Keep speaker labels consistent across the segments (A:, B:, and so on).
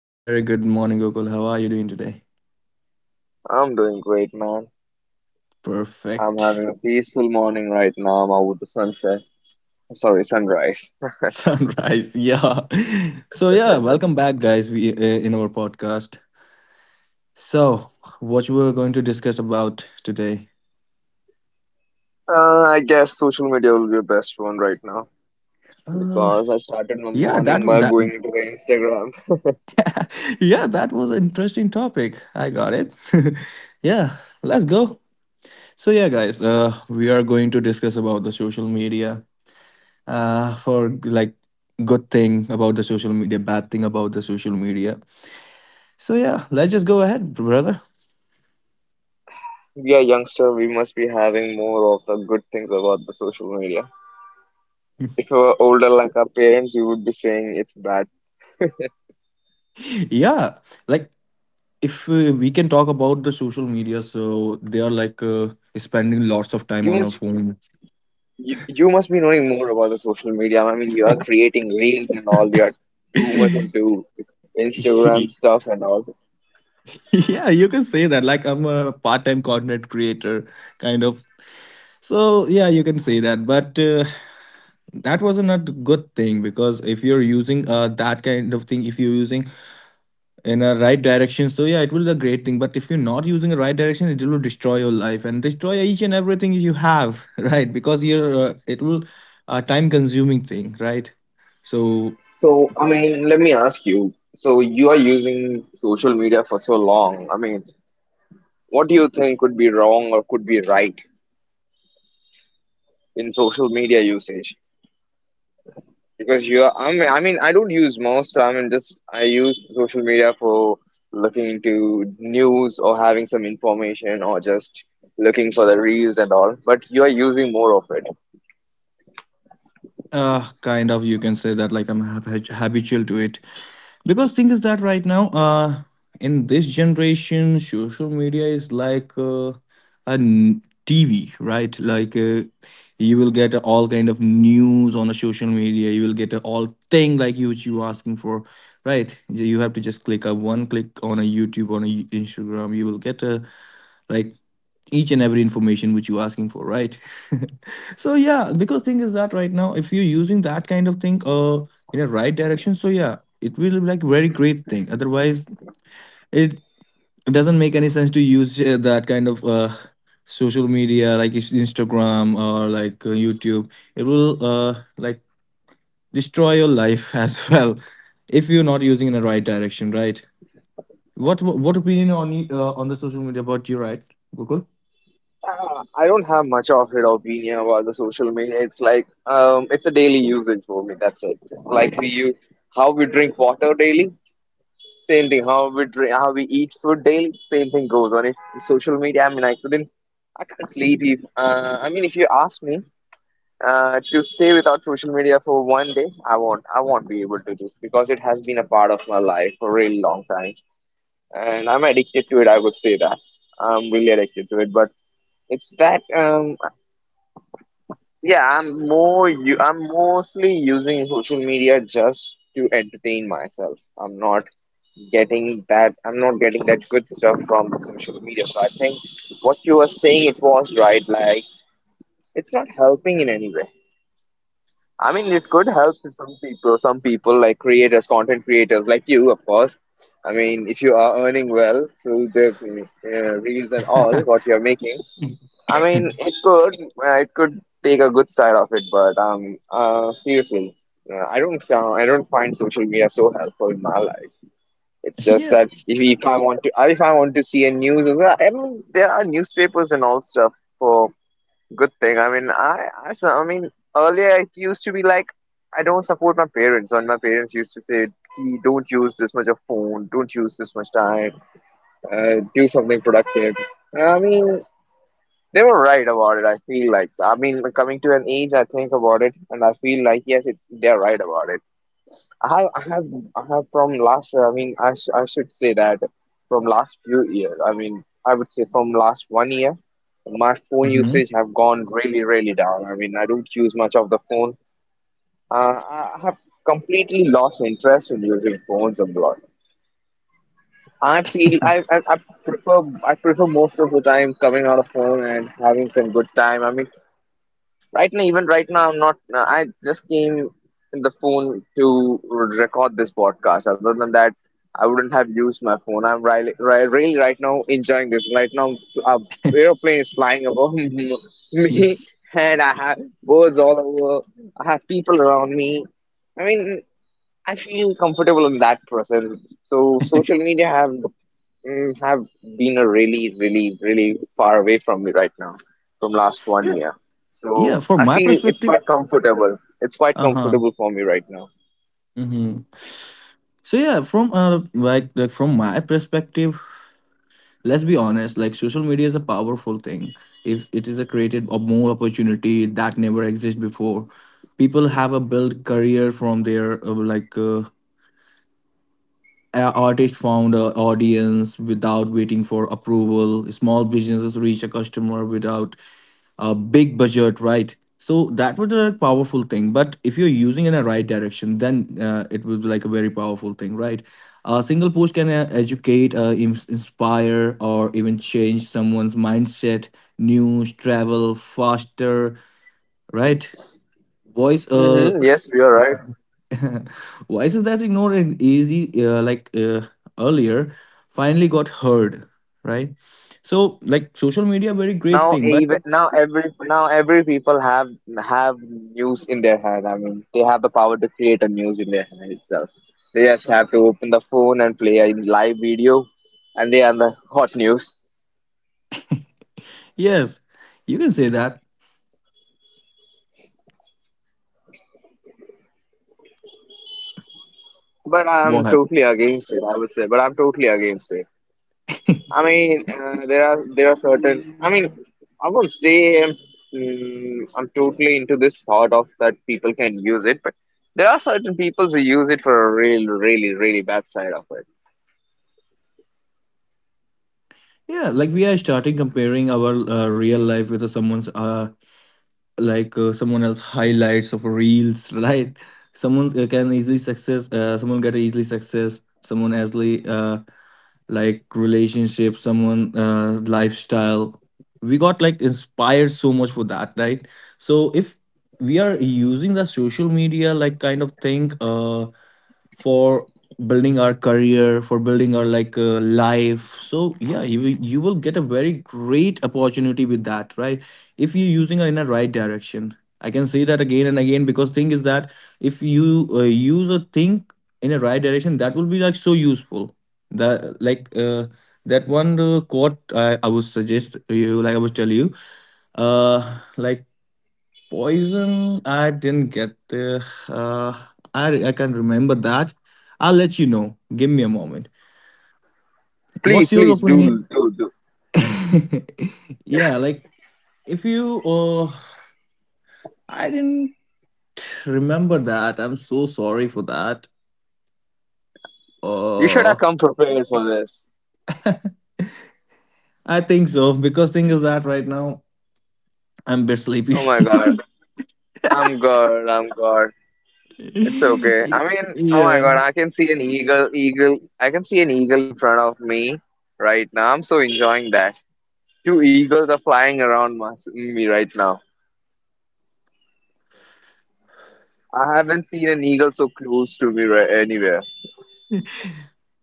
A: A very good morning, Gokul. How are you doing today?
B: I'm doing great, man. I'm
A: Perfect.
B: having a peaceful morning right now. I'm out with the sunset. Sorry, sunrise.
A: Sunrise. Yeah. So yeah, welcome back, guys. We in our podcast. So what you were going to discuss about today?
B: I guess social media will be the best one right now
A: Uh,
B: because I started my
A: yeah, that
B: morning by
A: that
B: going into the Instagram.
A: yeah, that was an interesting topic. I got it. Yeah, let's go. So yeah, guys, we are going to discuss about the social media. For like good thing about the social media, bad thing about the social media. So yeah, let's just go ahead, brother.
B: We are youngster, we must be having more of the good things about the social media. If we were older like our parents, we would be saying it's bad.
A: Yeah, like if we can talk about the social media, so they are like spending lots of time
B: You
A: on our
B: must
A: phone.
B: you must be knowing more about the social media. I mean, you are creating reels and all. You are too much into Instagram stuff and all.
A: Yeah, you can say that. Like I'm a part-time content creator, kind of. So yeah, you can say that. But that was not a good thing, because if you're using that kind of thing, if you're using in a right direction, so yeah, it will be a great thing. But if you're not using the right direction, it will destroy your life and destroy each and everything you have. Right? Because you're it will a time consuming thing, right? So
B: So, I mean, let me ask you. So, you are using social media for so long. I mean, what do you think could be wrong or could be right in social media usage? Because you are, I mean, I don't use most. I mean, just I use social media for looking into news or having some information or just looking for the reels and all, but you are using more of it.
A: kind of you can say that, like I'm habitual to it. Because thing is that right now, in this generation social media is like a TV, right? Like you will get all kind of news on a social media. You will get all thing like you which you asking for, right? You have to just click a one click on a YouTube, on Instagram. You will get a like each and every information which you're asking for, right? So yeah, because thing is that right now, if you're using that kind of thing in a right direction, so yeah, it will be like very great thing. Otherwise, it doesn't make any sense to use that kind of social media like Instagram or like YouTube. It will like destroy your life as well, if you're not using in the right direction, right? What opinion on on the social media about you, right? Google.
B: I don't have much of an opinion about the social media. It's like it's a daily usage for me. That's it. Like we use how we drink water daily, same thing. How we drink, how we eat food daily, same thing goes on. If social media, I mean, I couldn't, I can't sleep. If I mean, if you ask me to stay without social media for 1 day, I won't. I won't be able to do this because it has been a part of my life for a really long time, and I'm addicted to it. I would say that I'm really addicted to it, but. It's that. Yeah, I'm more you I'm mostly using social media just to entertain myself. I'm not getting that good stuff from the social media. So I think what you were saying it was right, like it's not helping in any way. I mean it could help to some people like creators, content creators like you, of course. I mean if you are earning well through the reels and all what you're making. I mean, it could take a good side of it, but seriously, I don't find social media so helpful in my life. It's
A: Yeah.
B: just that if I want to if I want to see a news, as well, I mean, there are newspapers and all stuff for good thing. I mean, I mean, earlier it used to be like I don't support my parents when my parents used to say, "Ki, don't use this much of phone, don't use this much time, do something productive." I mean. They were right about it. I feel like I mean, coming to an age, I think about it, and I feel like yes, it, they're right about it. I have, I have, I have from last. I mean, I should say that from last few years. I mean, I would say from last 1 year, my phone
A: Mhm.
B: usage have gone really, really down. I mean, I don't use much of the phone. I have completely lost interest in using phones a lot. I feel I prefer. I prefer most of the time coming out of phone and having some good time. I mean. Right now, even right now, I'm not. I just came in the phone to record this podcast. Other than that, I wouldn't have used my phone. I'm really right now enjoying this. Right now, a aeroplane is flying above me, and I have birds all over. I have people around me. I mean, I feel comfortable in that process. So, social media have been a really, really, really far away from me right now, from last one
A: Yeah,
B: year.
A: yeah.
B: So
A: From
B: I
A: my
B: feel it's
A: perspective,
B: quite comfortable. It's quite
A: uh huh.
B: comfortable for me right now.
A: Hmm. So yeah, from like from my perspective, let's be honest. Like social media is a powerful thing. If it is a created a more opportunity that never existed before, people have a built career from their. Artist found a audience without waiting for approval. Small businesses reach a customer without a big budget, right? So that was a powerful thing. But if you're using in a right direction, then it was like a very powerful thing, right? A single post can educate, inspire, or even change someone's mindset. News, travel, faster, right? Voice, uh,
B: Mm-hmm. Yes, you're right.
A: voices that's ignored and easy, earlier, finally got heard, right? So, like social media, very great
B: Now
A: thing. But
B: even now every now every people have news in their hand. I mean, they have the power to create a news in their hand itself. They just have to open the phone and play a live video, and they are the hot news.
A: yes, you can say that.
B: But I'm
A: What?
B: totally against it. I would say, but I'm totally against it. I mean, there are certain. I mean, I won't say I'm totally into this thought of that people can use it, but there are certain people who use it for a really, really bad side of it.
A: Yeah, like we are starting comparing our real life with someone's someone else highlights of reels, right? Someone can easily success. Someone get easily success. Someone easily like relationship, someone lifestyle, we got like inspired so much for that, right? So if we are using the social media like kind of thing for building our career, for building our like life, so yeah, you will get a very great opportunity with that, right? If you're using it in a right direction. I can say that again and again, because thing is that if you use a thing in a right direction, that will be like so useful. That like that one quote I would suggest you, like I would tell you, uh like poison. I didn't get the uh I can't remember that. I'll let you know, give me a moment.
B: Please,
A: What's your opinion?
B: do.
A: Yeah, like if you I didn't remember that, I'm so sorry for that.
B: You should have
A: uh
B: come prepared for this.
A: I think so, because thing is that right now I'm a bit sleepy.
B: Oh my God, I'm God. It's okay. I mean, oh my
A: Yeah.
B: God, I can see an eagle. I can see an eagle in front of me right now. I'm so enjoying that. Two eagles are flying around me right now. I haven't seen an eagle so close to me right anywhere.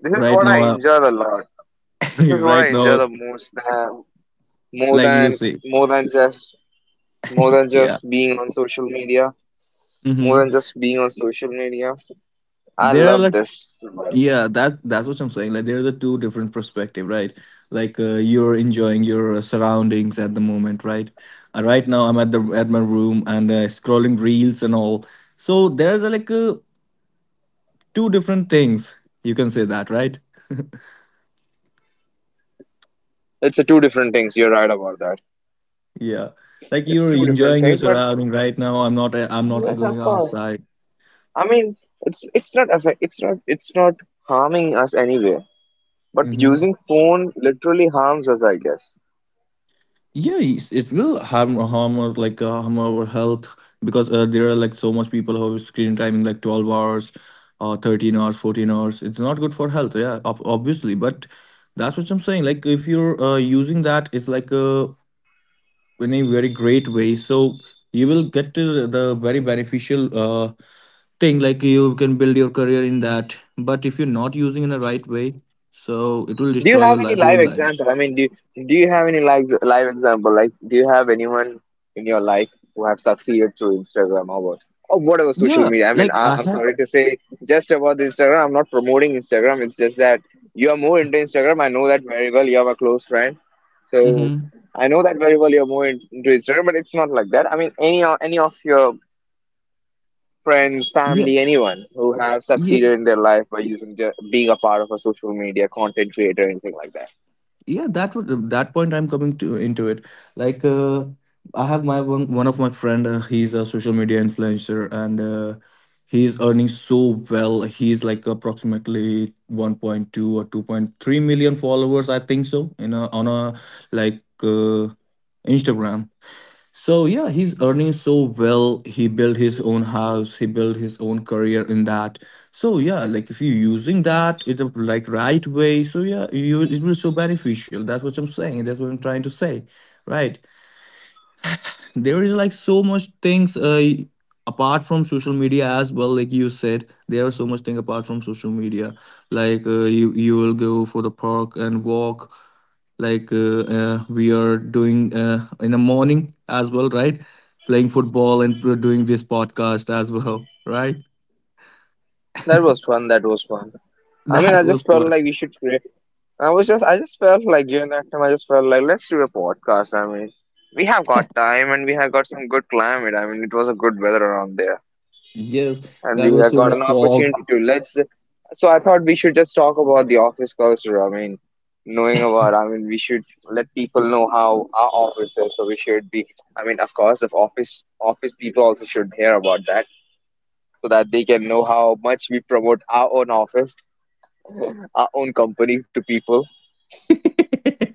B: This is
A: right
B: what I
A: now
B: enjoy the lot. This is what I
A: Right
B: enjoy the
A: now,
B: most. Than- More
A: like you
B: than
A: say.
B: more than just more than
A: Yeah.
B: just being on social media. More than
A: Mm-hmm.
B: just being on social media. I
A: There are
B: love
A: like,
B: this.
A: yeah, that that's what I'm saying. Like there's a two different perspective, right? Like you're enjoying your surroundings at the moment, right? Right now I'm at the at my room and scrolling reels and all. So there's two different things, you can say that, right?
B: It's a two different things. You're right about that.
A: Yeah, like
B: It's
A: you're
B: two different
A: enjoying your
B: things, but
A: surrounding. Right now I'm not
B: yes,
A: going
B: of course.
A: outside.
B: I mean, it's not affect. It's not harming us anyway. But
A: Mm-hmm.
B: using phone literally harms us, I guess.
A: Yeah, it's, it will harm us like harm our health, because there are like so much people who have screen timing like 12 hours or 13 hours, 14 hours. It's not good for health, yeah, obviously. But that's what I'm saying. Like if you're using that, it's like in a very great way. So you will get to the very beneficial thing. Like you can build your career in that. But if you're not using in the right way, so it will
B: Do you
A: destroy your
B: have any
A: life,
B: live
A: whole life.
B: example? I mean, do do you have any live example? Like, do you have anyone in your life who have succeeded through Instagram or what? Or whatever social
A: Yeah,
B: media. I mean,
A: like I
B: I'm
A: have.
B: sorry to say, just about the Instagram. I'm not promoting Instagram. It's just that you are more into Instagram. I know that very well. You have a close friend, so
A: Mm-hmm.
B: I know that very well. You're more into Instagram, but it's not like that. I mean, any of your friends,
A: Yeah.
B: family, anyone who have
A: Yeah,
B: succeeded in their life by using the, being a part of a social media content creator, anything like that.
A: yeah, that would that point I'm coming to into it. Like I have my one of my friend, he's a social media influencer, and he's earning so well. He's like approximately 1.2 or 2.3 million followers, I think so, on a like Instagram. So yeah, he's earning so well. He built his own house. He built his own career in that. So yeah, like if you're using that in the like right way, so yeah, you it will so beneficial. That's what I'm saying. That's what I'm trying to say, right? There is like so much things apart from social media as well. Like you said, there are so much thing apart from social media, like you will go for the park and walk, like we are doing in the morning as well, right? Playing football and doing this podcast as well. Right?
B: That was fun. That was fun. I mean, I
A: That
B: just
A: was
B: felt
A: fun.
B: like we should create. I just felt like during that time, I just felt like let's do a podcast. I mean, we have got time and we have got some good climate. I mean, it was a good weather around there,
A: Yes,
B: and
A: that
B: we
A: was
B: have
A: so
B: got an
A: much vlog.
B: opportunity to let's. So I thought we should just talk about the office culture. I mean, knowing about. I mean, we should let people know how our office is. So we should be. I mean, of course, if office office people also should hear about that so that they can know how much we promote our own office our own company to people.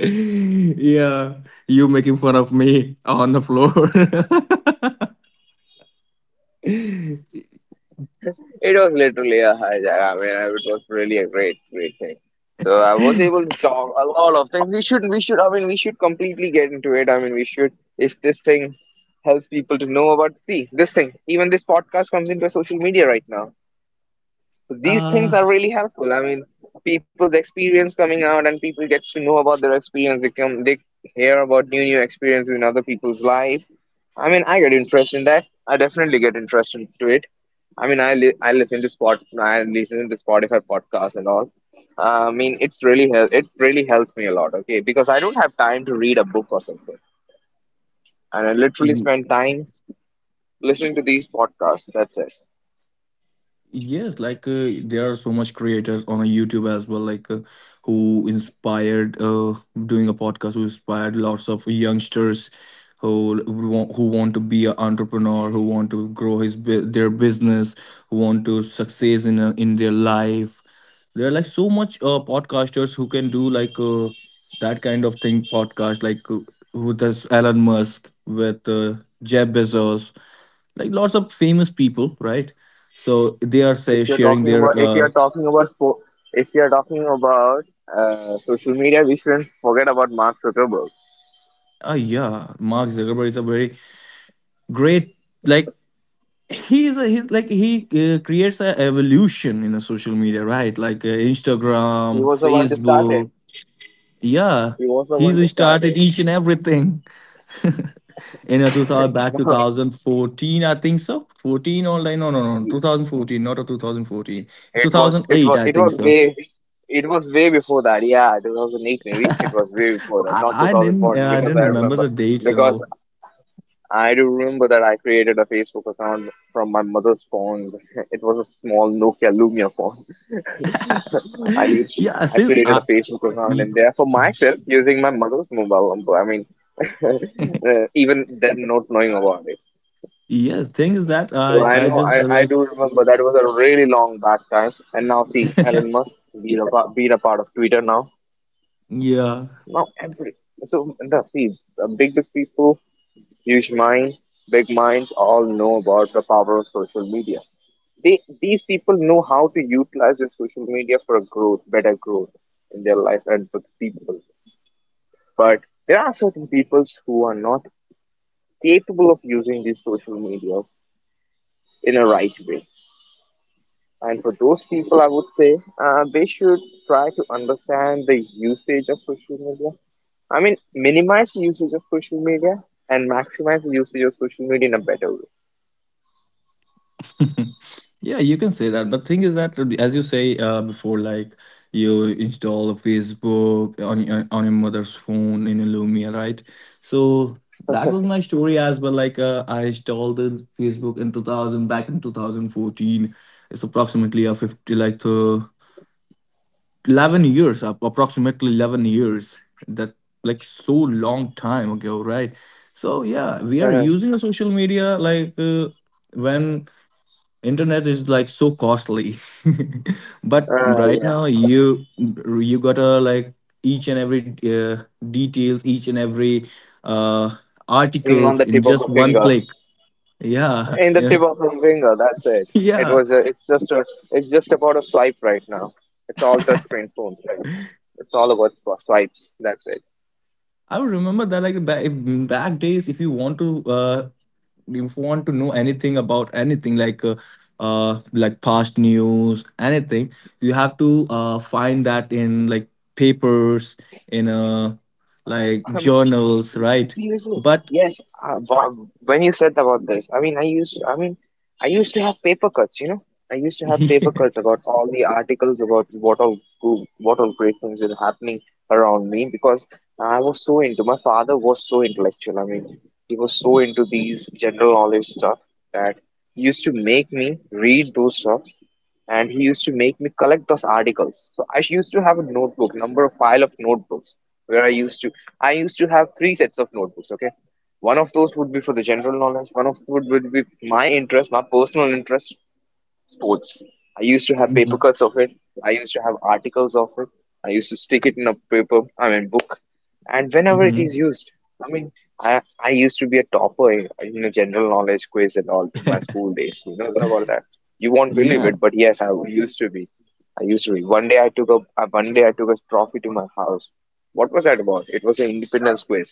A: Yeah, you making fun of me on the floor.
B: It was literally a hijack. I mean, it was really a great, great thing. So I was able to talk a lot of things. We should, we should. I mean, we should completely get into it. I mean, we should. If this thing helps people to know about, see, this thing, even this podcast comes into social media right now. So these things
A: uh
B: are really helpful. I mean, people's experience coming out and people gets to know about their experience. They come, they hear about new experiences in other people's life. I mean, I get interest in that. I definitely get interested to it. I mean, I li- I listen to spot, I listen to Spotify podcasts and all. I mean, it really helps me a lot. Okay, because I don't have time to read a book or something, and I literally
A: Y-
B: spend time listening to these podcasts. That's it.
A: Yes, like there are so much creators on a YouTube as well, like who inspired doing a podcast, who inspired lots of youngsters, who want to be an entrepreneur, who want to grow their business, who want to success in their life. There are like so much podcasters who can do like that kind of thing podcast, like who does Elon Musk with Jeff Bezos, like lots of famous people, right? So they are
B: If
A: say
B: you're
A: sharing
B: talking
A: their
B: about if you're talking about spo- if you're talking about social media, we shouldn't forget about Mark Zuckerberg.
A: yeah, Mark Zuckerberg is a very great, like he is a he's like he creates a evolution in a social media, right? Like
B: he
A: Instagram,
B: was the one to start it
A: Facebook, yeah.
B: he was the one to
A: He's
B: start
A: started
B: it.
A: each and everything in a 2000 back 2014, I think so. 14 or like no, no, no, 2014, not a 2014. It's 2008, I
B: It
A: think
B: was
A: so.
B: way. It was way before that Yeah, 2008 maybe. It
A: I,
B: was way before that Not
A: I didn't
B: 2014,
A: I
B: because
A: didn't
B: I
A: remember
B: remember.
A: the dates and
B: Because
A: all.
B: I do remember that I created a Facebook account from my mother's phone. It was a small Nokia Lumia phone. I used
A: yeah
B: I
A: since
B: created a
A: I
B: Facebook account
A: y-
B: in there for myself using my mother's mobile number. I mean, even them not knowing about it.
A: yes, thing is that
B: So
A: i
B: I
A: i
B: know
A: just
B: I do remember that was a really long back time. And now see Elon Musk being a part of Twitter now.
A: yeah,
B: Now every so now see big people, huge minds, big minds all know about the power of social media. They these people know how to utilize their social media for a growth, better growth in their life and for the people. But there are certain peoples who are not capable of using these social medias in a right way. And for those people, I would say they should try to understand the usage of social media. I mean, minimize the usage of social media and maximize the usage of social media in a better way.
A: yeah, you can say that. But thing is that as you say before, like you install Facebook on your mother's phone in a Lumia, right? So that was my story as well. Like I installed the Facebook in 2000 back in 2014. It's approximately a 50 like 11 years approximately 11 years, that like so long time ago, right? So yeah, we are using a social media like when internet is like so costly. But
B: uh,
A: right
B: yeah,
A: now you gotta like each and every details, each and every uh
B: thing on
A: articles
B: the
A: in
B: tip of
A: just
B: a
A: one
B: finger.
A: click. Yeah.
B: In the tip of his finger. That's it. It
A: Yeah,
B: was. A. It's just about a swipe right now. It's all touchscreen phones, right? It's all about swipes. That's it.
A: I would remember that like back, back days if you want to if you want to know anything about anything, like past news, anything, you have to find that in like papers, in journals, right?
B: Seriously,
A: But
B: yes. Bob, when you said about this, I mean, I used to have paper cuts. You know, I used to have paper cuts about all the articles about what all what all great things were happening around me because I was so into. My father was so intellectual. I mean, he was so into these general knowledge stuff that used to make me read those stuff and he used to make me collect those articles. So I used to have a notebook, number of file of notebooks, where I used to have three sets of notebooks. Okay, one of those would be for the general knowledge, one of would be my interest, my personal interest, sports. I used to have paper
A: Mhm,
B: cuts of it. I used to have articles of it. I used to stick it in a paper, I mean, book. And whenever it
A: mhm.
B: is used, I mean, I used to be a topper in a general knowledge quiz and all in my school days. You know about that. You won't believe
A: Yeah.
B: it, but yes, I used to be. I used to be. One day I took a one day I took a trophy to my house. What was that about? It was an independence quiz.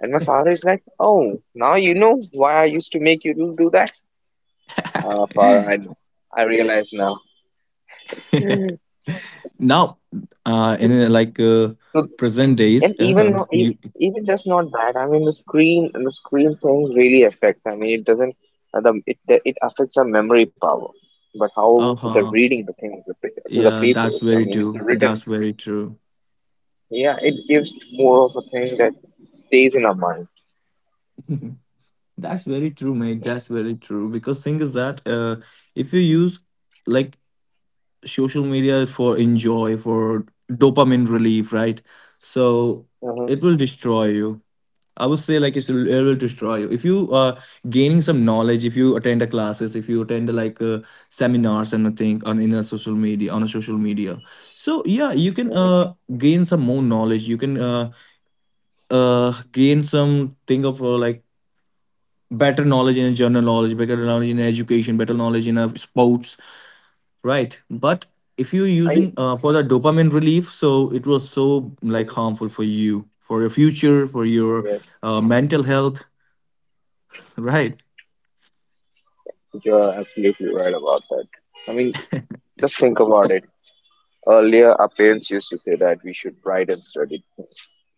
B: And my father is like, "Oh, now you know why I used to make you do that." Ah, father, I realize now. Mhm.
A: Now in like
B: So,
A: present
B: and
A: days
B: even
A: you
B: even just not that. I mean, the screen things really affects. I mean, it doesn't. The it affects our memory power, but how the
A: uh-huh,
B: reading the things through the
A: yeah, that's
B: papers. I
A: very
B: mean, it's
A: true,
B: written.
A: that's very true.
B: Yeah, it gives more of a thing that stays in our mind.
A: That's very true, mate. That's very true. Because thing is that if you use like social media for enjoy, for dopamine relief, right? So
B: Hmm.
A: it will destroy you. I would say like it will destroy you. If you are gaining some knowledge, if you attend a classes, if you attend like seminars and a thing on in a social media on a social media, so yeah, you can
B: Hmm.
A: gain some more knowledge. You can gain some thing of better knowledge in general knowledge, better knowledge in education, better knowledge in sports, right? But if you're
B: I
A: using for the dopamine relief, so it was so
B: mhm.
A: like harmful for you, for your future, for your
B: Yes,
A: mental health, right?
B: you are absolutely right about that. I mean, just think about it. Earlier, our parents used to say that we should write and study,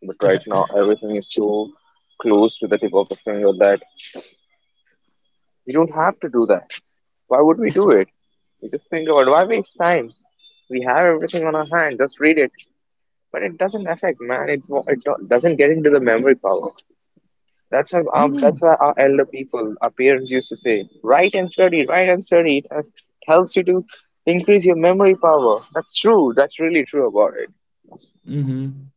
B: but right now everything is so close to the tip of the finger that we don't have to do that. Why would we do it? We just think about why waste time? We have everything on our hand. Just read it. But it doesn't affect, man. It doesn't get into the memory power.
A: Hmm.
B: That's why our elder people, our parents used to say, write and study, write and study. It helps you to increase your memory power. That's true. That's really true about it.
A: Hmm.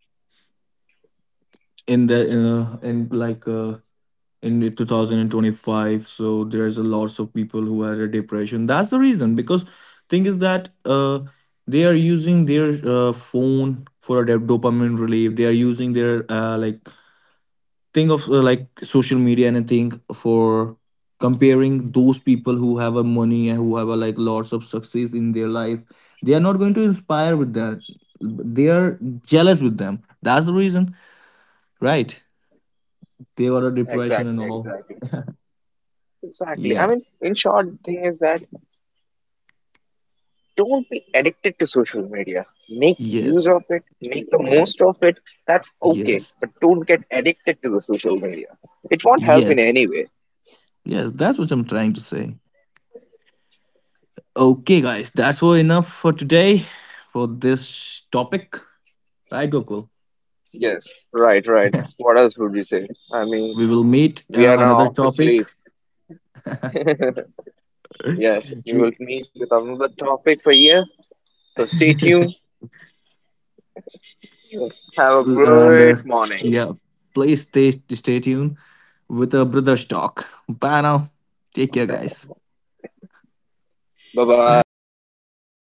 A: In the in 2025, so there's a lots of people who had a depression. That's the reason. Because thing is that they are using their phone for a dopamine relief. They are using their thing of social media and a thing for comparing those people who have a money and who have a like lots of success in their life. They are not going to inspire with that. They are jealous with them. That's the reason, right? They got a depression and
B: Exactly,
A: all.
B: exactly. Exactly.
A: Yeah.
B: I mean, in short, thing is that don't be addicted to social media. Make use
A: Yes.
B: of it, make the most of it. That's okay,
A: Yes.
B: but don't get addicted to the social media. It won't help
A: Yes.
B: in any way.
A: Yes. That's what I'm trying to say. Okay, guys. That's all enough for today for this topic. Right, Gokul?
B: Yes, What else would we say? I mean,
A: We will meet
B: we are now off
A: another
B: to sleep.
A: topic.
B: Yes, we will
A: We-
B: meet with another topic for you. So stay tuned. Have a
A: and
B: great morning.
A: yeah, please stay tuned with our brother's talk. Bye now. Take care, guys.
B: Bye bye.
A: Bye bye.